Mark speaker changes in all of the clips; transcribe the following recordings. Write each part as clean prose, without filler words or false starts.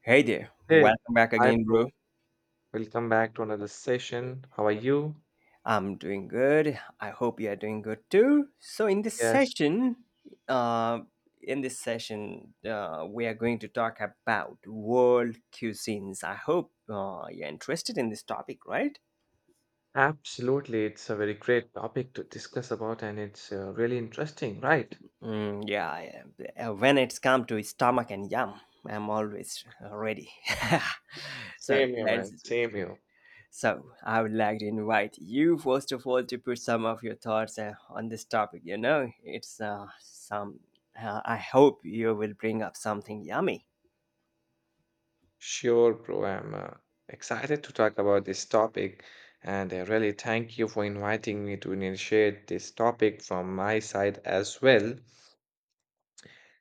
Speaker 1: Hey there,
Speaker 2: Hey,
Speaker 1: welcome back
Speaker 2: hi,
Speaker 1: again, bro.
Speaker 2: bro. Welcome back to another session. How are you?
Speaker 1: I'm doing good. I hope you are doing good too. So, in this
Speaker 2: Yes,
Speaker 1: session, uh, we are going to talk about world cuisines. I hope you're interested in this topic, right?
Speaker 2: absolutely. It's a very great topic to discuss about, and it's really interesting, right?
Speaker 1: Yeah, I am. When it's come to stomach and yum, I'm always ready. so
Speaker 2: Same here, man.
Speaker 1: that's
Speaker 2: Same here.
Speaker 1: So, I would like to invite you, first of all, to put some of your thoughts on this topic. I hope you will bring up something yummy.
Speaker 2: Sure, bro. I'm excited to talk about this topic, and I really thank you for inviting me to initiate this topic from my side as well.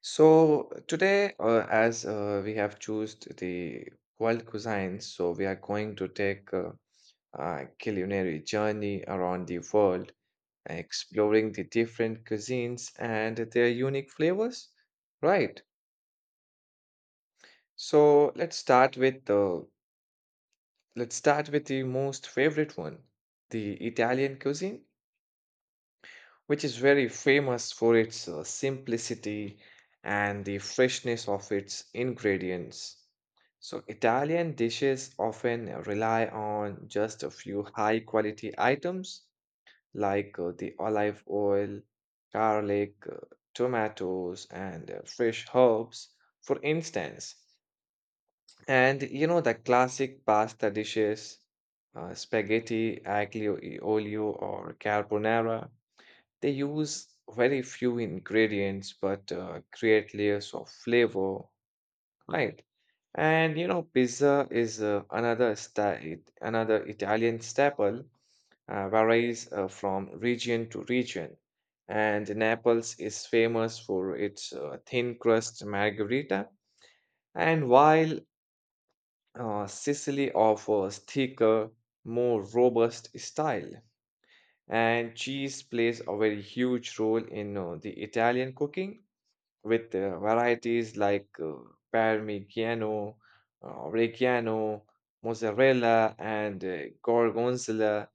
Speaker 2: So today, as we have chosen the world cuisines, so we are going to take culinary journey around the world, exploring the different cuisines and their unique flavors. Right. So let's start with the most favorite one, the Italian cuisine, which is very famous for its simplicity and the freshness of its ingredients. So Italian dishes often rely on just a few high quality items like the olive oil, garlic, tomatoes, and fresh herbs, for instance. And you know, the classic pasta dishes, spaghetti, aglio e olio, or carbonara, they use very few ingredients but create layers of flavor. Right. And you know, pizza is another Italian staple, varies from region to region. And Naples is famous for its thin crust margherita, and while Sicily offers thicker, more robust style. And cheese plays a very huge role in the Italian cooking with varieties like Parmigiano, Reggiano, Mozzarella, and Gorgonzola,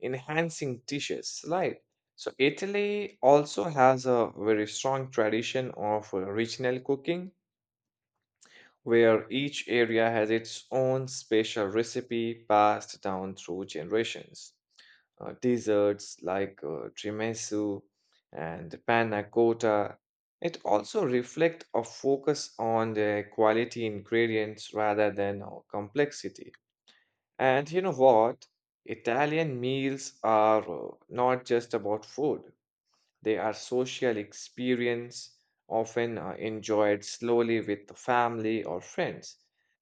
Speaker 2: enhancing dishes, right? So, Italy also has a very strong tradition of regional cooking where each area has its own special recipe passed down through generations. Desserts like tiramisu and panna cotta. It also reflect a focus on the quality ingredients rather than complexity. And you know what? Italian meals are not just about food. They are social experience, often enjoyed slowly with the family or friends.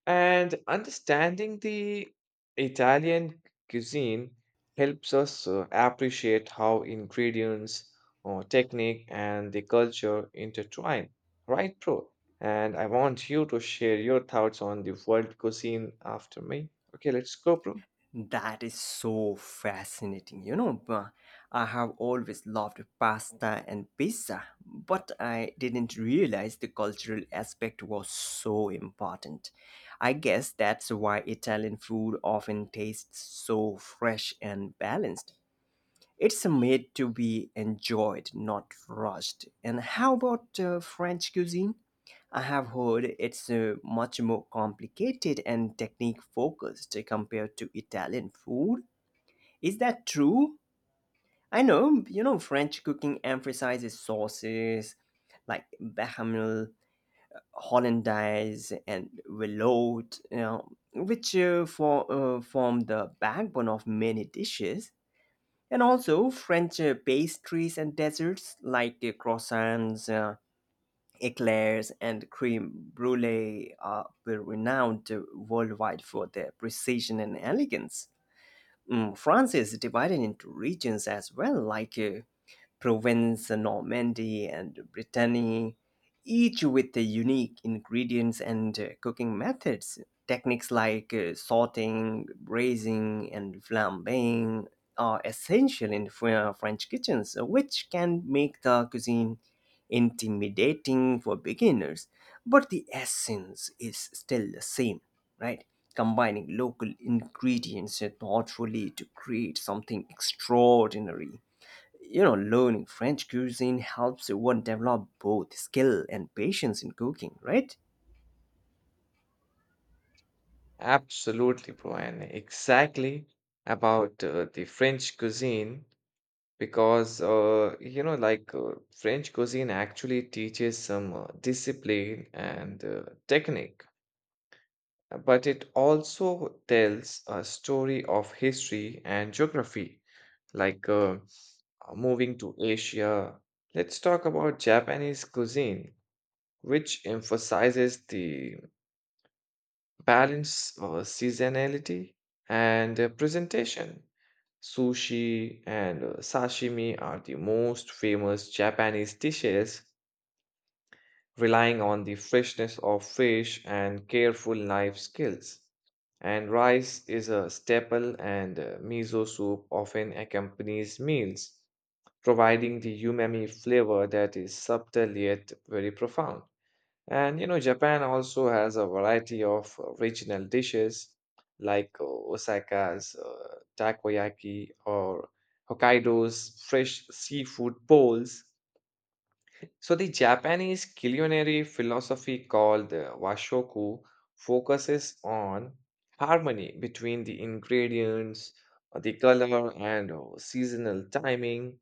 Speaker 2: And understanding the Italian cuisine helps us appreciate how ingredients, technique, and the culture intertwine. Right, bro? And I want you to share your thoughts on the world cuisine after me. Okay, let's go, bro.
Speaker 1: That is so fascinating. I have always loved pasta and pizza, but I didn't realize the cultural aspect was so important. I guess that's why Italian food often tastes so fresh and balanced. It's made to be enjoyed, not rushed. And how about French cuisine? I have heard it's much more complicated and technique focused compared to Italian food. Is that true? I know, you know, French cooking emphasizes sauces like bechamel, hollandaise, and veloute, you know, which form the backbone of many dishes. And also French pastries and desserts like croissants, eclairs, and creme brulee are renowned worldwide for their precision and elegance. France is divided into regions as well, like Provence, Normandy, and Brittany, each with the unique ingredients and cooking methods. Techniques like sauteing, braising, and flambeing are essential in French kitchens, which can make the cuisine intimidating for beginners, but the essence is still the same, right? Combining local ingredients thoughtfully to create something extraordinary. You know, learning French cuisine helps one develop both skill and patience in cooking, right?
Speaker 2: Absolutely, bro. And exactly about the French cuisine. Because you know like french cuisine actually teaches some discipline and technique, but it also tells a story of history and geography like moving to asia, let's talk about japanese cuisine which emphasizes the balance, seasonality and presentation. Sushi and sashimi are the most famous Japanese dishes, relying on the freshness of fish and careful knife skills. And rice is a staple, and miso soup often accompanies meals, providing the umami flavor that is subtle yet very profound. And you know, Japan also has a variety of regional dishes like Osaka's takoyaki or Hokkaido's fresh seafood bowls. So the Japanese culinary philosophy called washoku focuses on harmony between the ingredients, the color and seasonal timing,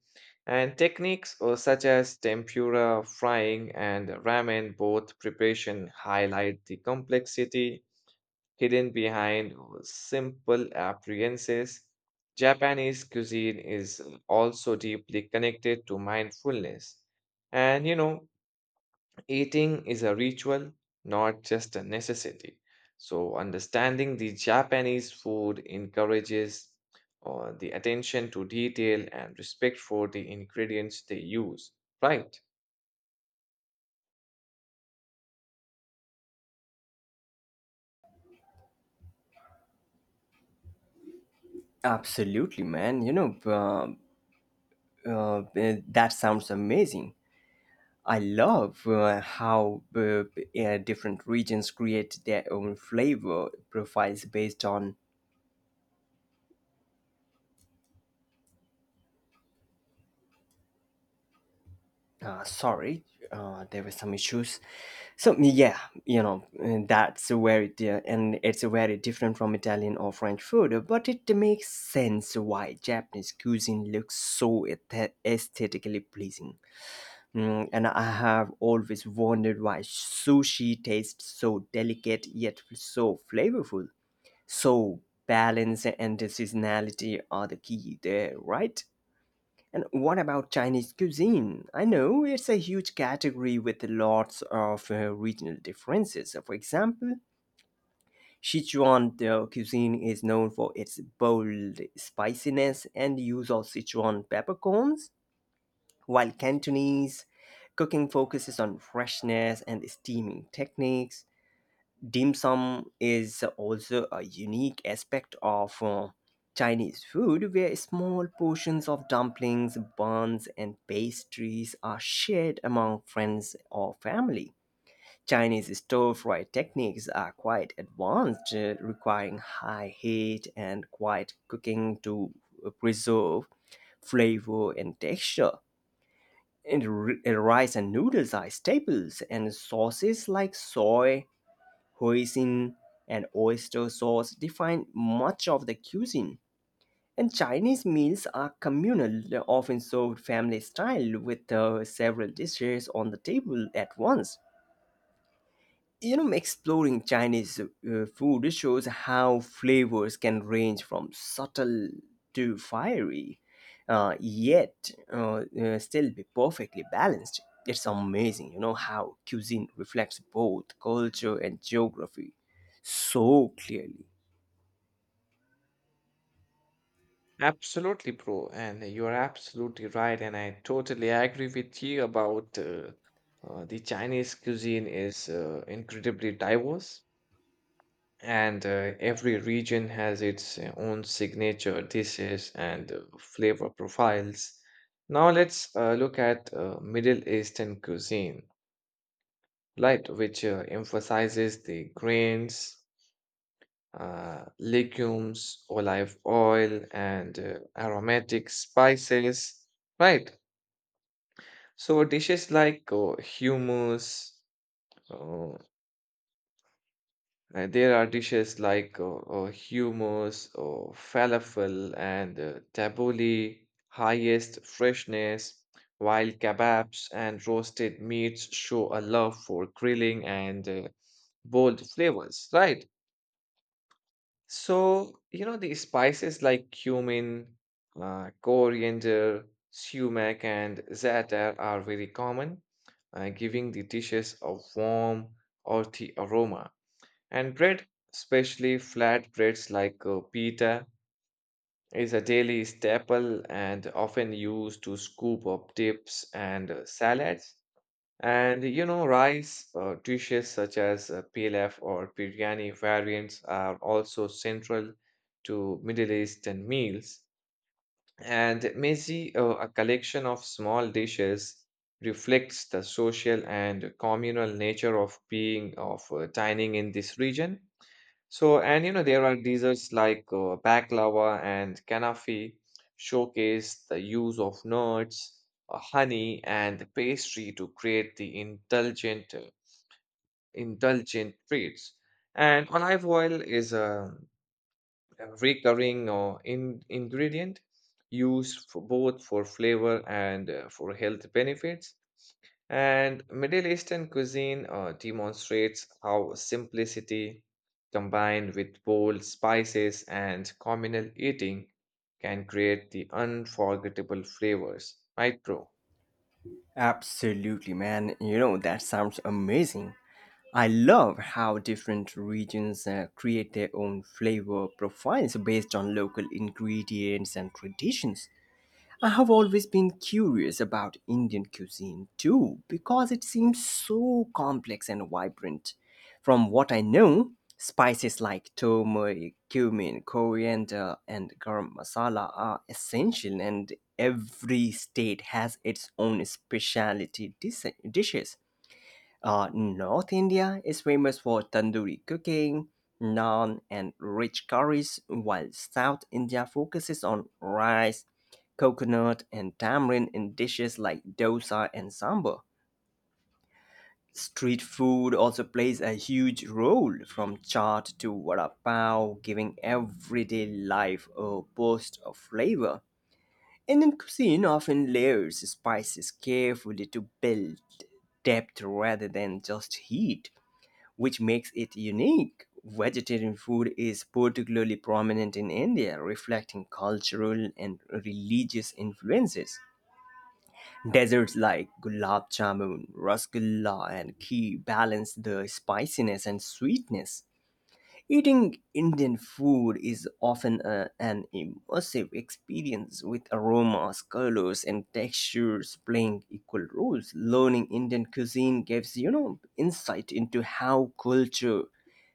Speaker 2: and techniques such as tempura frying and ramen. Both preparation highlight the complexity hidden behind simple appearances. Japanese cuisine is also deeply connected to mindfulness. And you know, eating is a ritual, not just a necessity. So, understanding the Japanese food encourages the attention to detail and respect for the ingredients they use. Right.
Speaker 1: Absolutely, man. That sounds amazing. I love how different regions create their own flavor profiles based on sorry, there were some issues. So yeah, you know, and and it's very different from Italian or French food, but it makes sense why Japanese cuisine looks so aesthetically pleasing. And I have always wondered why sushi tastes so delicate yet so flavorful. So balance and seasonality are the key there, right? And what about Chinese cuisine? I know it's a huge category with lots of regional differences. For example, Sichuan cuisine is known for its bold spiciness and use of Sichuan peppercorns, while Cantonese cooking focuses on freshness and steaming techniques. Dim sum is also a unique aspect of Chinese food, where small portions of dumplings, buns, and pastries are shared among friends or family. Chinese stir fry techniques are quite advanced, requiring high heat and quiet cooking to preserve flavor and texture. And rice and noodles are staples, and sauces like soy, Hoisin, and oyster sauce define much of the cuisine. And Chinese meals are communal, often served family style with several dishes on the table at once. You know, exploring Chinese food shows how flavors can range from subtle to fiery, yet still be perfectly balanced. It's amazing, you know, how cuisine reflects both culture and geography so clearly.
Speaker 2: Absolutely, bro. And you're absolutely right. And I totally agree with you about the Chinese cuisine is incredibly diverse. And every region has its own signature dishes and flavor profiles. Now let's look at Middle Eastern cuisine, right, which emphasizes the grains, legumes, olive oil, and aromatic spices, right? So uh, there are dishes like hummus, falafel, and tabbouleh, highest freshness, while kebabs and roasted meats show a love for grilling and bold flavors, right? So, you know, the spices like cumin, coriander, sumac, and za'atar are very common, giving the dishes a warm, earthy aroma. And bread, especially flat breads like pita, is a daily staple and often used to scoop up dips and salads. And you know, rice dishes such as pilaf or biryani variants are also central to Middle Eastern meals. And mezi, a collection of small dishes, reflects the social and communal nature of dining in this region. So, and you know, there are desserts like baklava and kanafi showcase the use of nuts, honey, and pastry to create the indulgent treats. And olive oil is a recurring ingredient used for both for flavor and for health benefits. And Middle Eastern cuisine demonstrates how simplicity combined with bold spices and communal eating can create the unforgettable flavors, right, bro?
Speaker 1: Absolutely, man. You know, that sounds amazing. I love how different regions create their own flavor profiles based on local ingredients and traditions. I have always been curious about Indian cuisine too, because it seems so complex and vibrant. From what I know, spices like turmeric, cumin, coriander, and garam masala are essential, and every state has its own specialty dishes. North India is famous for tandoori cooking, naan, and rich curries, while South India focuses on rice, coconut, and tamarind in dishes like dosa and sambar. Street food also plays a huge role, from chaat to vada pav, giving everyday life a burst of flavor. Indian cuisine often layers spices carefully to build depth rather than just heat, which makes it unique. Vegetarian food is particularly prominent in India, reflecting cultural and religious influences. Desserts like gulab jamun, rasgulla, and ghee balance the spiciness and sweetness. Eating Indian food is often an immersive experience with aromas, colors, and textures playing equal roles. Learning Indian cuisine gives, you know, insight into how culture,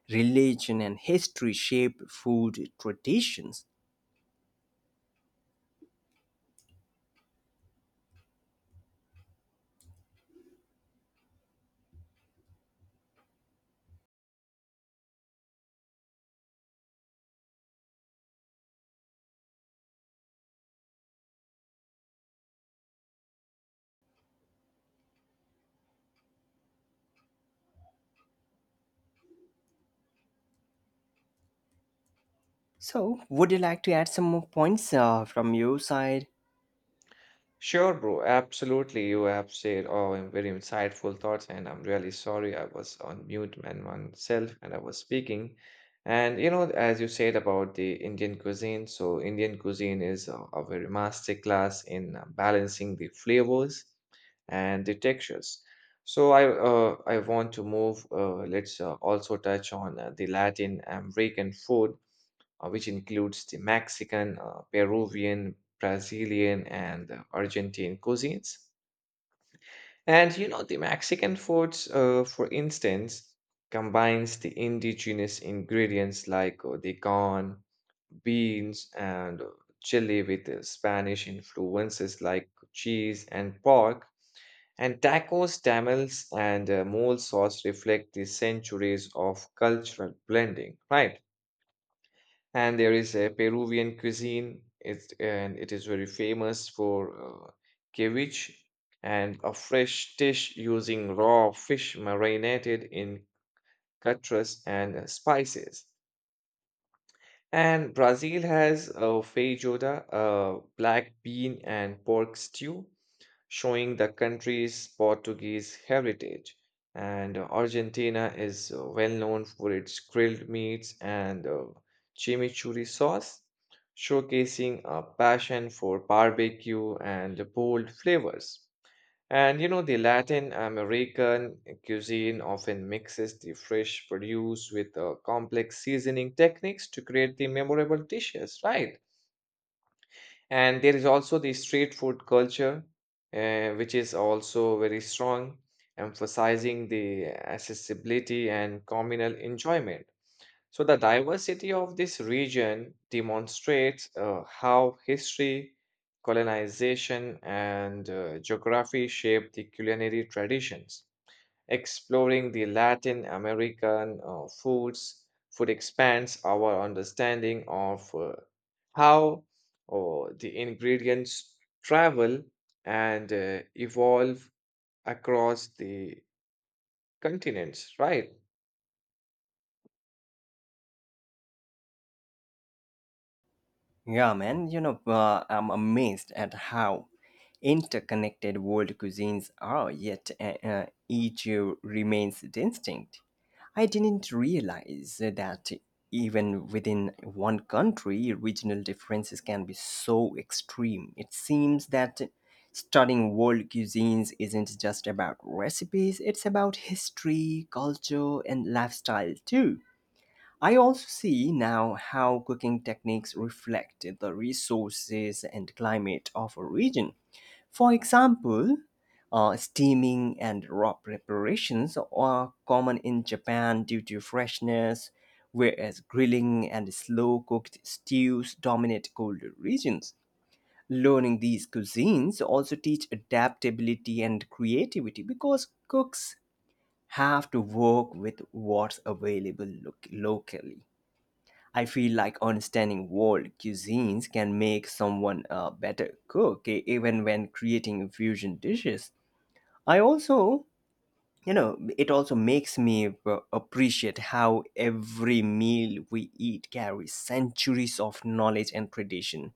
Speaker 1: religion, and history shape food traditions. So, would you like to add some more points from your side?
Speaker 2: Sure, bro. Absolutely. You have said very insightful thoughts, and I'm really sorry I was on mute and myself and I was speaking. And you know, as you said about the Indian cuisine, so Indian cuisine is a very master class in balancing the flavors and the textures. So I want to move. Let's also touch on the Latin American food which includes the Mexican, Peruvian, Brazilian, and Argentine cuisines. And you know, the Mexican foods, for instance, combines the indigenous ingredients like the corn, beans, and chili with Spanish influences like cheese and pork. And tacos, tamales, and mole sauce reflect the centuries of cultural blending, right? And there is a Peruvian cuisine. It is very famous for ceviche and a fresh dish using raw fish marinated in cutras and spices. And Brazil has a feijoada, a black bean and pork stew, showing the country's Portuguese heritage. And Argentina is well known for its grilled meats and chimichurri sauce, showcasing a passion for barbecue and bold flavors. And you know, the Latin American cuisine often mixes the fresh produce with complex seasoning techniques to create the memorable dishes, right? And there is also the street food culture, which is also very strong, emphasizing the accessibility and communal enjoyment. So, the diversity of this region demonstrates how history, colonization, and geography shape the culinary traditions. Exploring the Latin American food expands our understanding of how the ingredients travel and evolve across the continents, right?
Speaker 1: Yeah, man, you know, I'm amazed at how interconnected world cuisines are, yet each remains distinct. I didn't realize that even within one country, regional differences can be so extreme. It seems that studying world cuisines isn't just about recipes, it's about history, culture, and lifestyle too. I also see now how cooking techniques reflect the resources and climate of a region. For example, steaming and raw preparations are common in Japan due to freshness, whereas grilling and slow cooked stews dominate colder regions. Learning these cuisines also teach adaptability and creativity because cooks have to work with what's available locally. I feel like understanding world cuisines can make someone a better cook, even when creating fusion dishes. I also, you know, it also makes me appreciate how every meal we eat carries centuries of knowledge and tradition.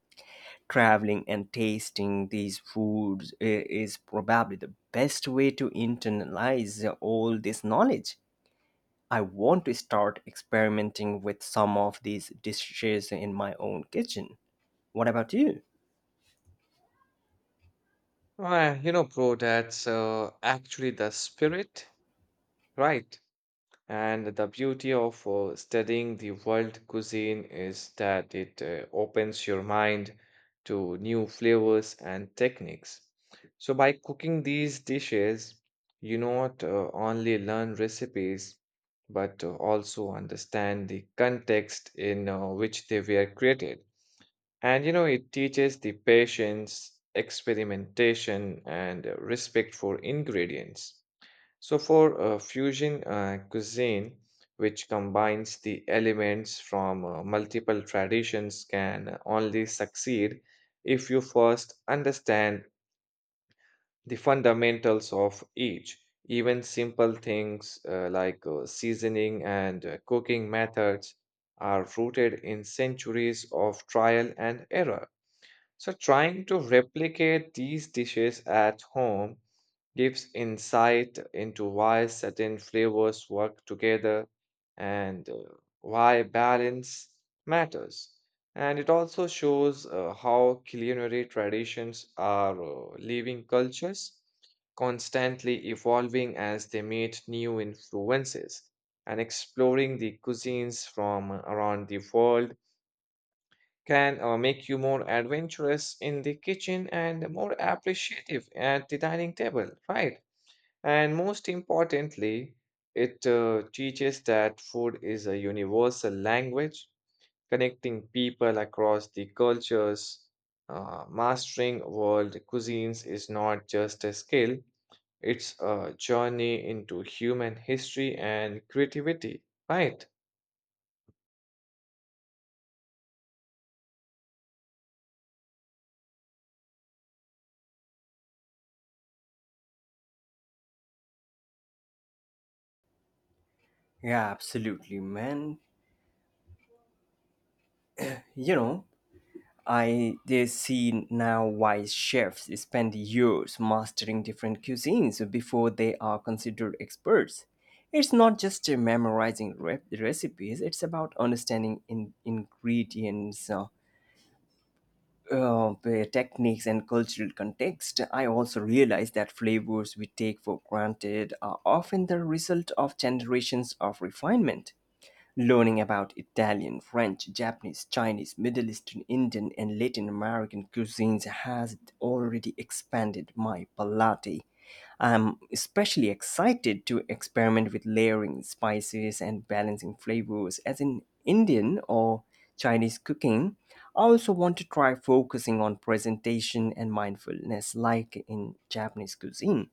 Speaker 1: Traveling and tasting these foods is probably the best way to internalize all this knowledge. I want to start experimenting with some of these dishes in my own kitchen. What about you?
Speaker 2: You know, bro, that's actually the spirit, right? And the beauty of studying the world cuisine is that it opens your mind to new flavors and techniques. So, by cooking these dishes, you not only learn recipes but also understand the context in which they were created. And you know, it teaches the patience, experimentation, and respect for ingredients. So, for fusion cuisine, which combines the elements from multiple traditions, can only succeed if you first understand the fundamentals of each. Even simple things like seasoning and cooking methods are rooted in centuries of trial and error. So, trying to replicate these dishes at home gives insight into why certain flavors work together and why balance matters. And it also shows how culinary traditions are living cultures, constantly evolving as they meet new influences, and exploring the cuisines from around the world can make you more adventurous in the kitchen and more appreciative at the dining table, right? And most importantly, it teaches that food is a universal language connecting people across the cultures. Mastering world cuisines is not just a skill, it's a journey into human history and creativity, right?
Speaker 1: Yeah, absolutely, man. You know, I they see now why chefs spend years mastering different cuisines before they are considered experts. It's not just memorizing recipes, it's about understanding ingredients, uh, techniques, and cultural context. I also realized that flavors we take for granted are often the result of generations of refinement. Learning about Italian, French, Japanese, Chinese, Middle Eastern, Indian, and Latin American cuisines has already expanded my palate. I'm especially excited to experiment with layering spices and balancing flavors as in Indian or Chinese cooking. I also want to try focusing on presentation and mindfulness like in Japanese cuisine.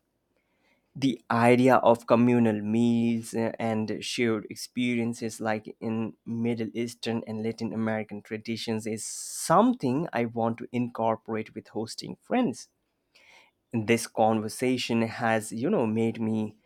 Speaker 1: The idea of communal meals and shared experiences like in Middle Eastern and Latin American traditions is something I want to incorporate with hosting friends. This conversation has, you know, made me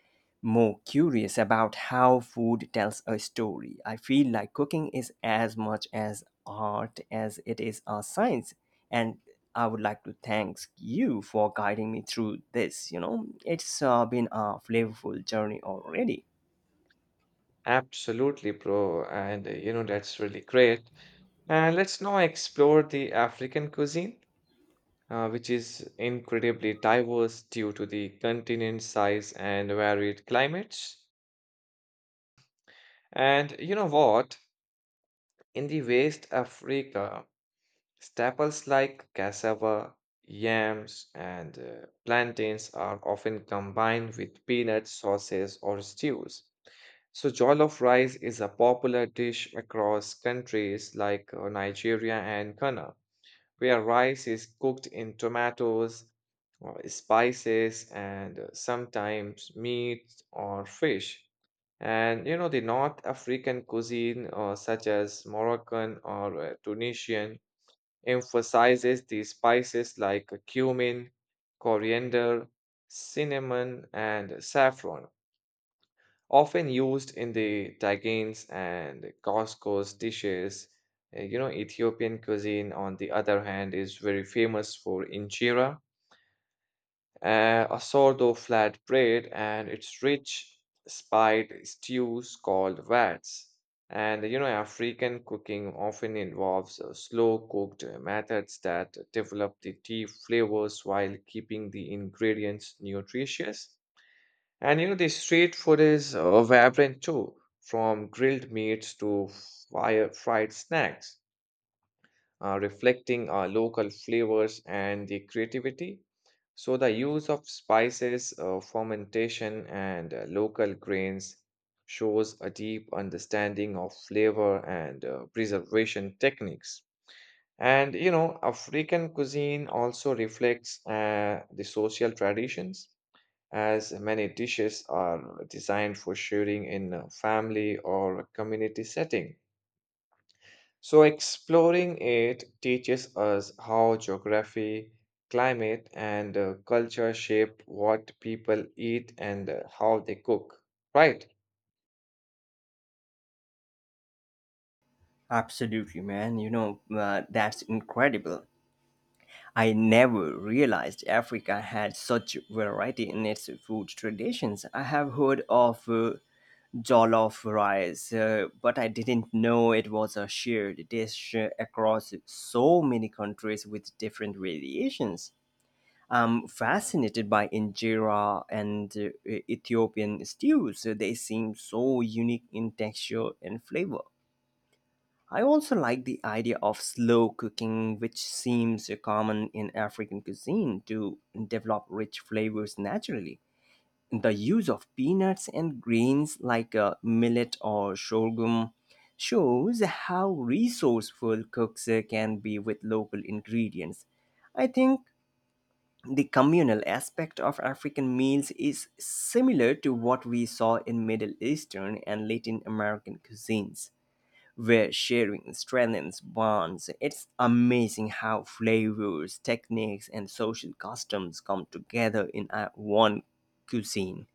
Speaker 1: more curious about how food tells a story. I feel like cooking is as much as art as it is a science, and I would like to thank you for guiding me through this. You know, it's been a flavorful journey already.
Speaker 2: Absolutely, bro. And you know, that's really great. And let's now explore the African cuisine, which is incredibly diverse due to the continent size and varied climates. And you know what? In the West Africa, staples like cassava, yams, and plantains are often combined with peanut sauces or stews. So, jollof rice is a popular dish across countries like Nigeria and Ghana, where rice is cooked in tomatoes, or spices, and sometimes meat or fish. And you know, the North African cuisine, such as Moroccan or Tunisian, emphasizes the spices like cumin, coriander, cinnamon, and saffron often used in the tagines and Costco's dishes. You know, Ethiopian cuisine, on the other hand, is very famous for injera, a sort of flat bread, and its rich, spiced stews called vats. And you know, African cooking often involves slow cooked methods that develop the tea flavors while keeping the ingredients nutritious. And you know, the street food is vibrant too, from grilled meats to fire fried snacks, reflecting our local flavors and the creativity. So, the use of spices, fermentation, and local grains shows a deep understanding of flavor and preservation techniques. And you know, African cuisine also reflects the social traditions as many dishes are designed for sharing in a family or a community setting. So, exploring it teaches us how geography, climate, and culture shape what people eat and how they cook, right?
Speaker 1: Absolutely, man. You know, that's incredible. I never realized Africa had such variety in its food traditions. I have heard of jollof rice, but I didn't know it was a shared dish across so many countries with different variations. I'm fascinated by injera and Ethiopian stews. They seem so unique in texture and flavor. I also like the idea of slow cooking, which seems common in African cuisine to develop rich flavors naturally. The use of peanuts and grains like millet or sorghum shows how resourceful cooks can be with local ingredients. I think the communal aspect of African meals is similar to what we saw in Middle Eastern and Latin American cuisines, where sharing strengthens bonds. It's amazing how flavors, techniques, and social customs come together in one cuisine.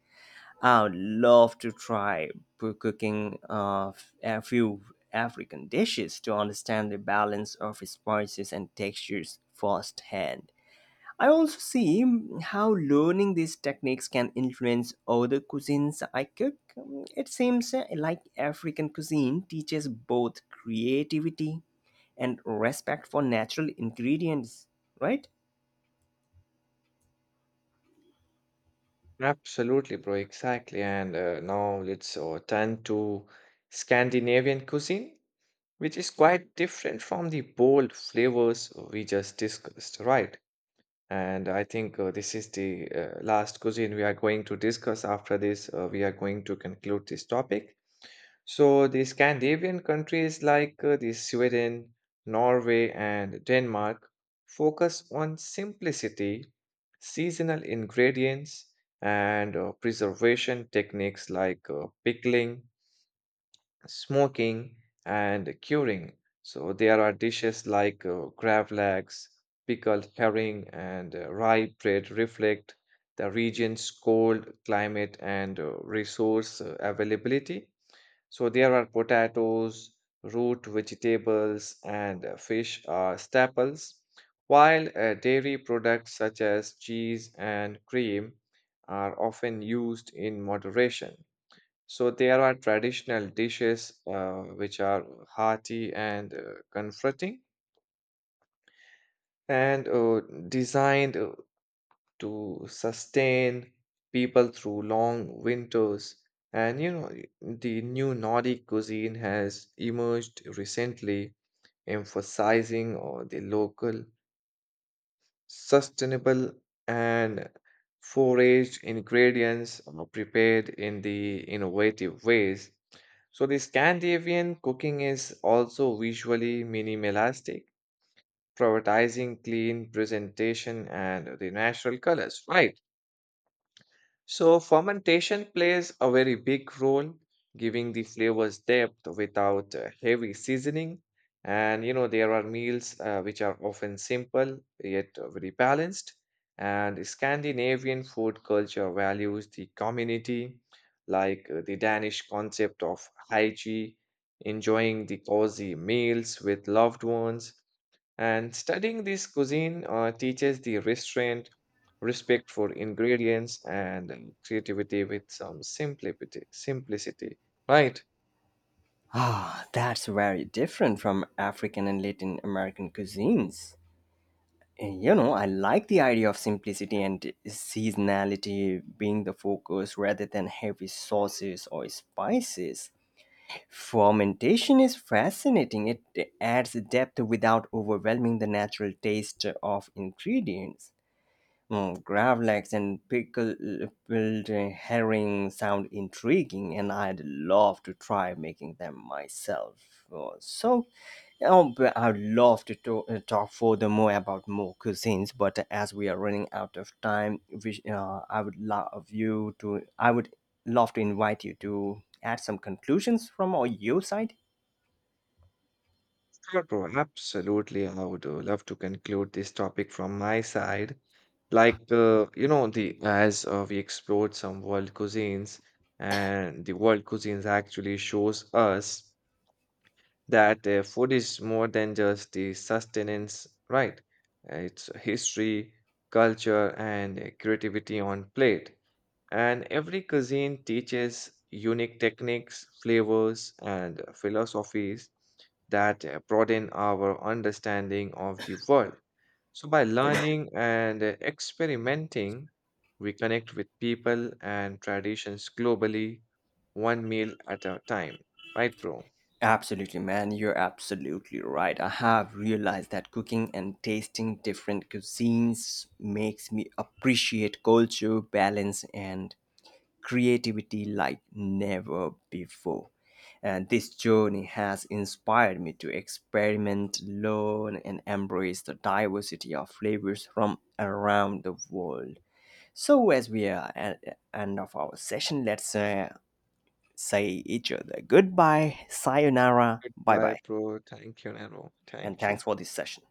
Speaker 1: I would love to try cooking a few African dishes to understand the balance of spices and textures firsthand. I also see, how learning these techniques can influence other cuisines I cook. It seems like African cuisine teaches both creativity and respect for natural ingredients, right?
Speaker 2: Absolutely, bro, exactly. And now let's turn to Scandinavian cuisine, which is quite different from the bold flavors we just discussed, right? And I think this is the last cuisine we are going to discuss. After this, we are going to conclude this topic. So, the Scandinavian countries like the Sweden, Norway, and Denmark focus on simplicity, seasonal ingredients, and preservation techniques like pickling, smoking, and curing. So there are dishes like gravlax, pickled herring, and rye bread reflect the region's cold climate and resource availability. So there are potatoes, root vegetables, and fish are staples, while dairy products such as cheese and cream are often used in moderation. So there are traditional dishes which are hearty and comforting and designed to sustain people through long winters. And you know, the new Nordic cuisine has emerged recently, emphasizing the local, sustainable, and foraged ingredients prepared in the innovative ways. So the Scandinavian cooking is also visually minimalistic, prioritizing clean presentation and the natural colors, right? So, fermentation plays a very big role, giving the flavors depth without heavy seasoning. And you know, there are meals which are often simple yet very balanced. And Scandinavian food culture values the community, like the Danish concept of hygiene, enjoying the cozy meals with loved ones. And studying this cuisine teaches the restraint, respect for ingredients, and creativity with some Simplicity, right?
Speaker 1: Ah, that's very different from African and Latin American cuisines. You know, I like the idea of simplicity and seasonality being the focus rather than heavy sauces or spices. Fermentation is fascinating. It adds depth without overwhelming the natural taste of ingredients. Gravlax and pickled herring sound intriguing, and I'd love to try making them myself. Oh, but I'd love to talk further more about more cuisines, but as we are running out of time, which, I would love you to, I would love to invite you to add some conclusions from all your side.
Speaker 2: Sure, bro. Absolutely. I would love to conclude this topic from my side. Like you know, the as we explored some world cuisines, and the world cuisines actually shows us that food is more than just the sustenance, right? It's history, culture, and creativity on plate. And every cuisine teaches unique techniques, flavors, and philosophies that broaden our understanding of the world. So, by learning and experimenting, we connect with people and traditions globally, one meal at a time, right, bro?
Speaker 1: Absolutely, man. You're absolutely right. I have realized that cooking and tasting different cuisines makes me appreciate culture, balance, and creativity like never before. And this journey has inspired me to experiment, learn, and embrace the diversity of flavors from around the world. So, as we are at the end of our session, let's say each other goodbye, sayonara, bye
Speaker 2: Goodbye,
Speaker 1: bye,
Speaker 2: bro. Thank you, Nano.
Speaker 1: and
Speaker 2: Thank you.
Speaker 1: thanks for this session.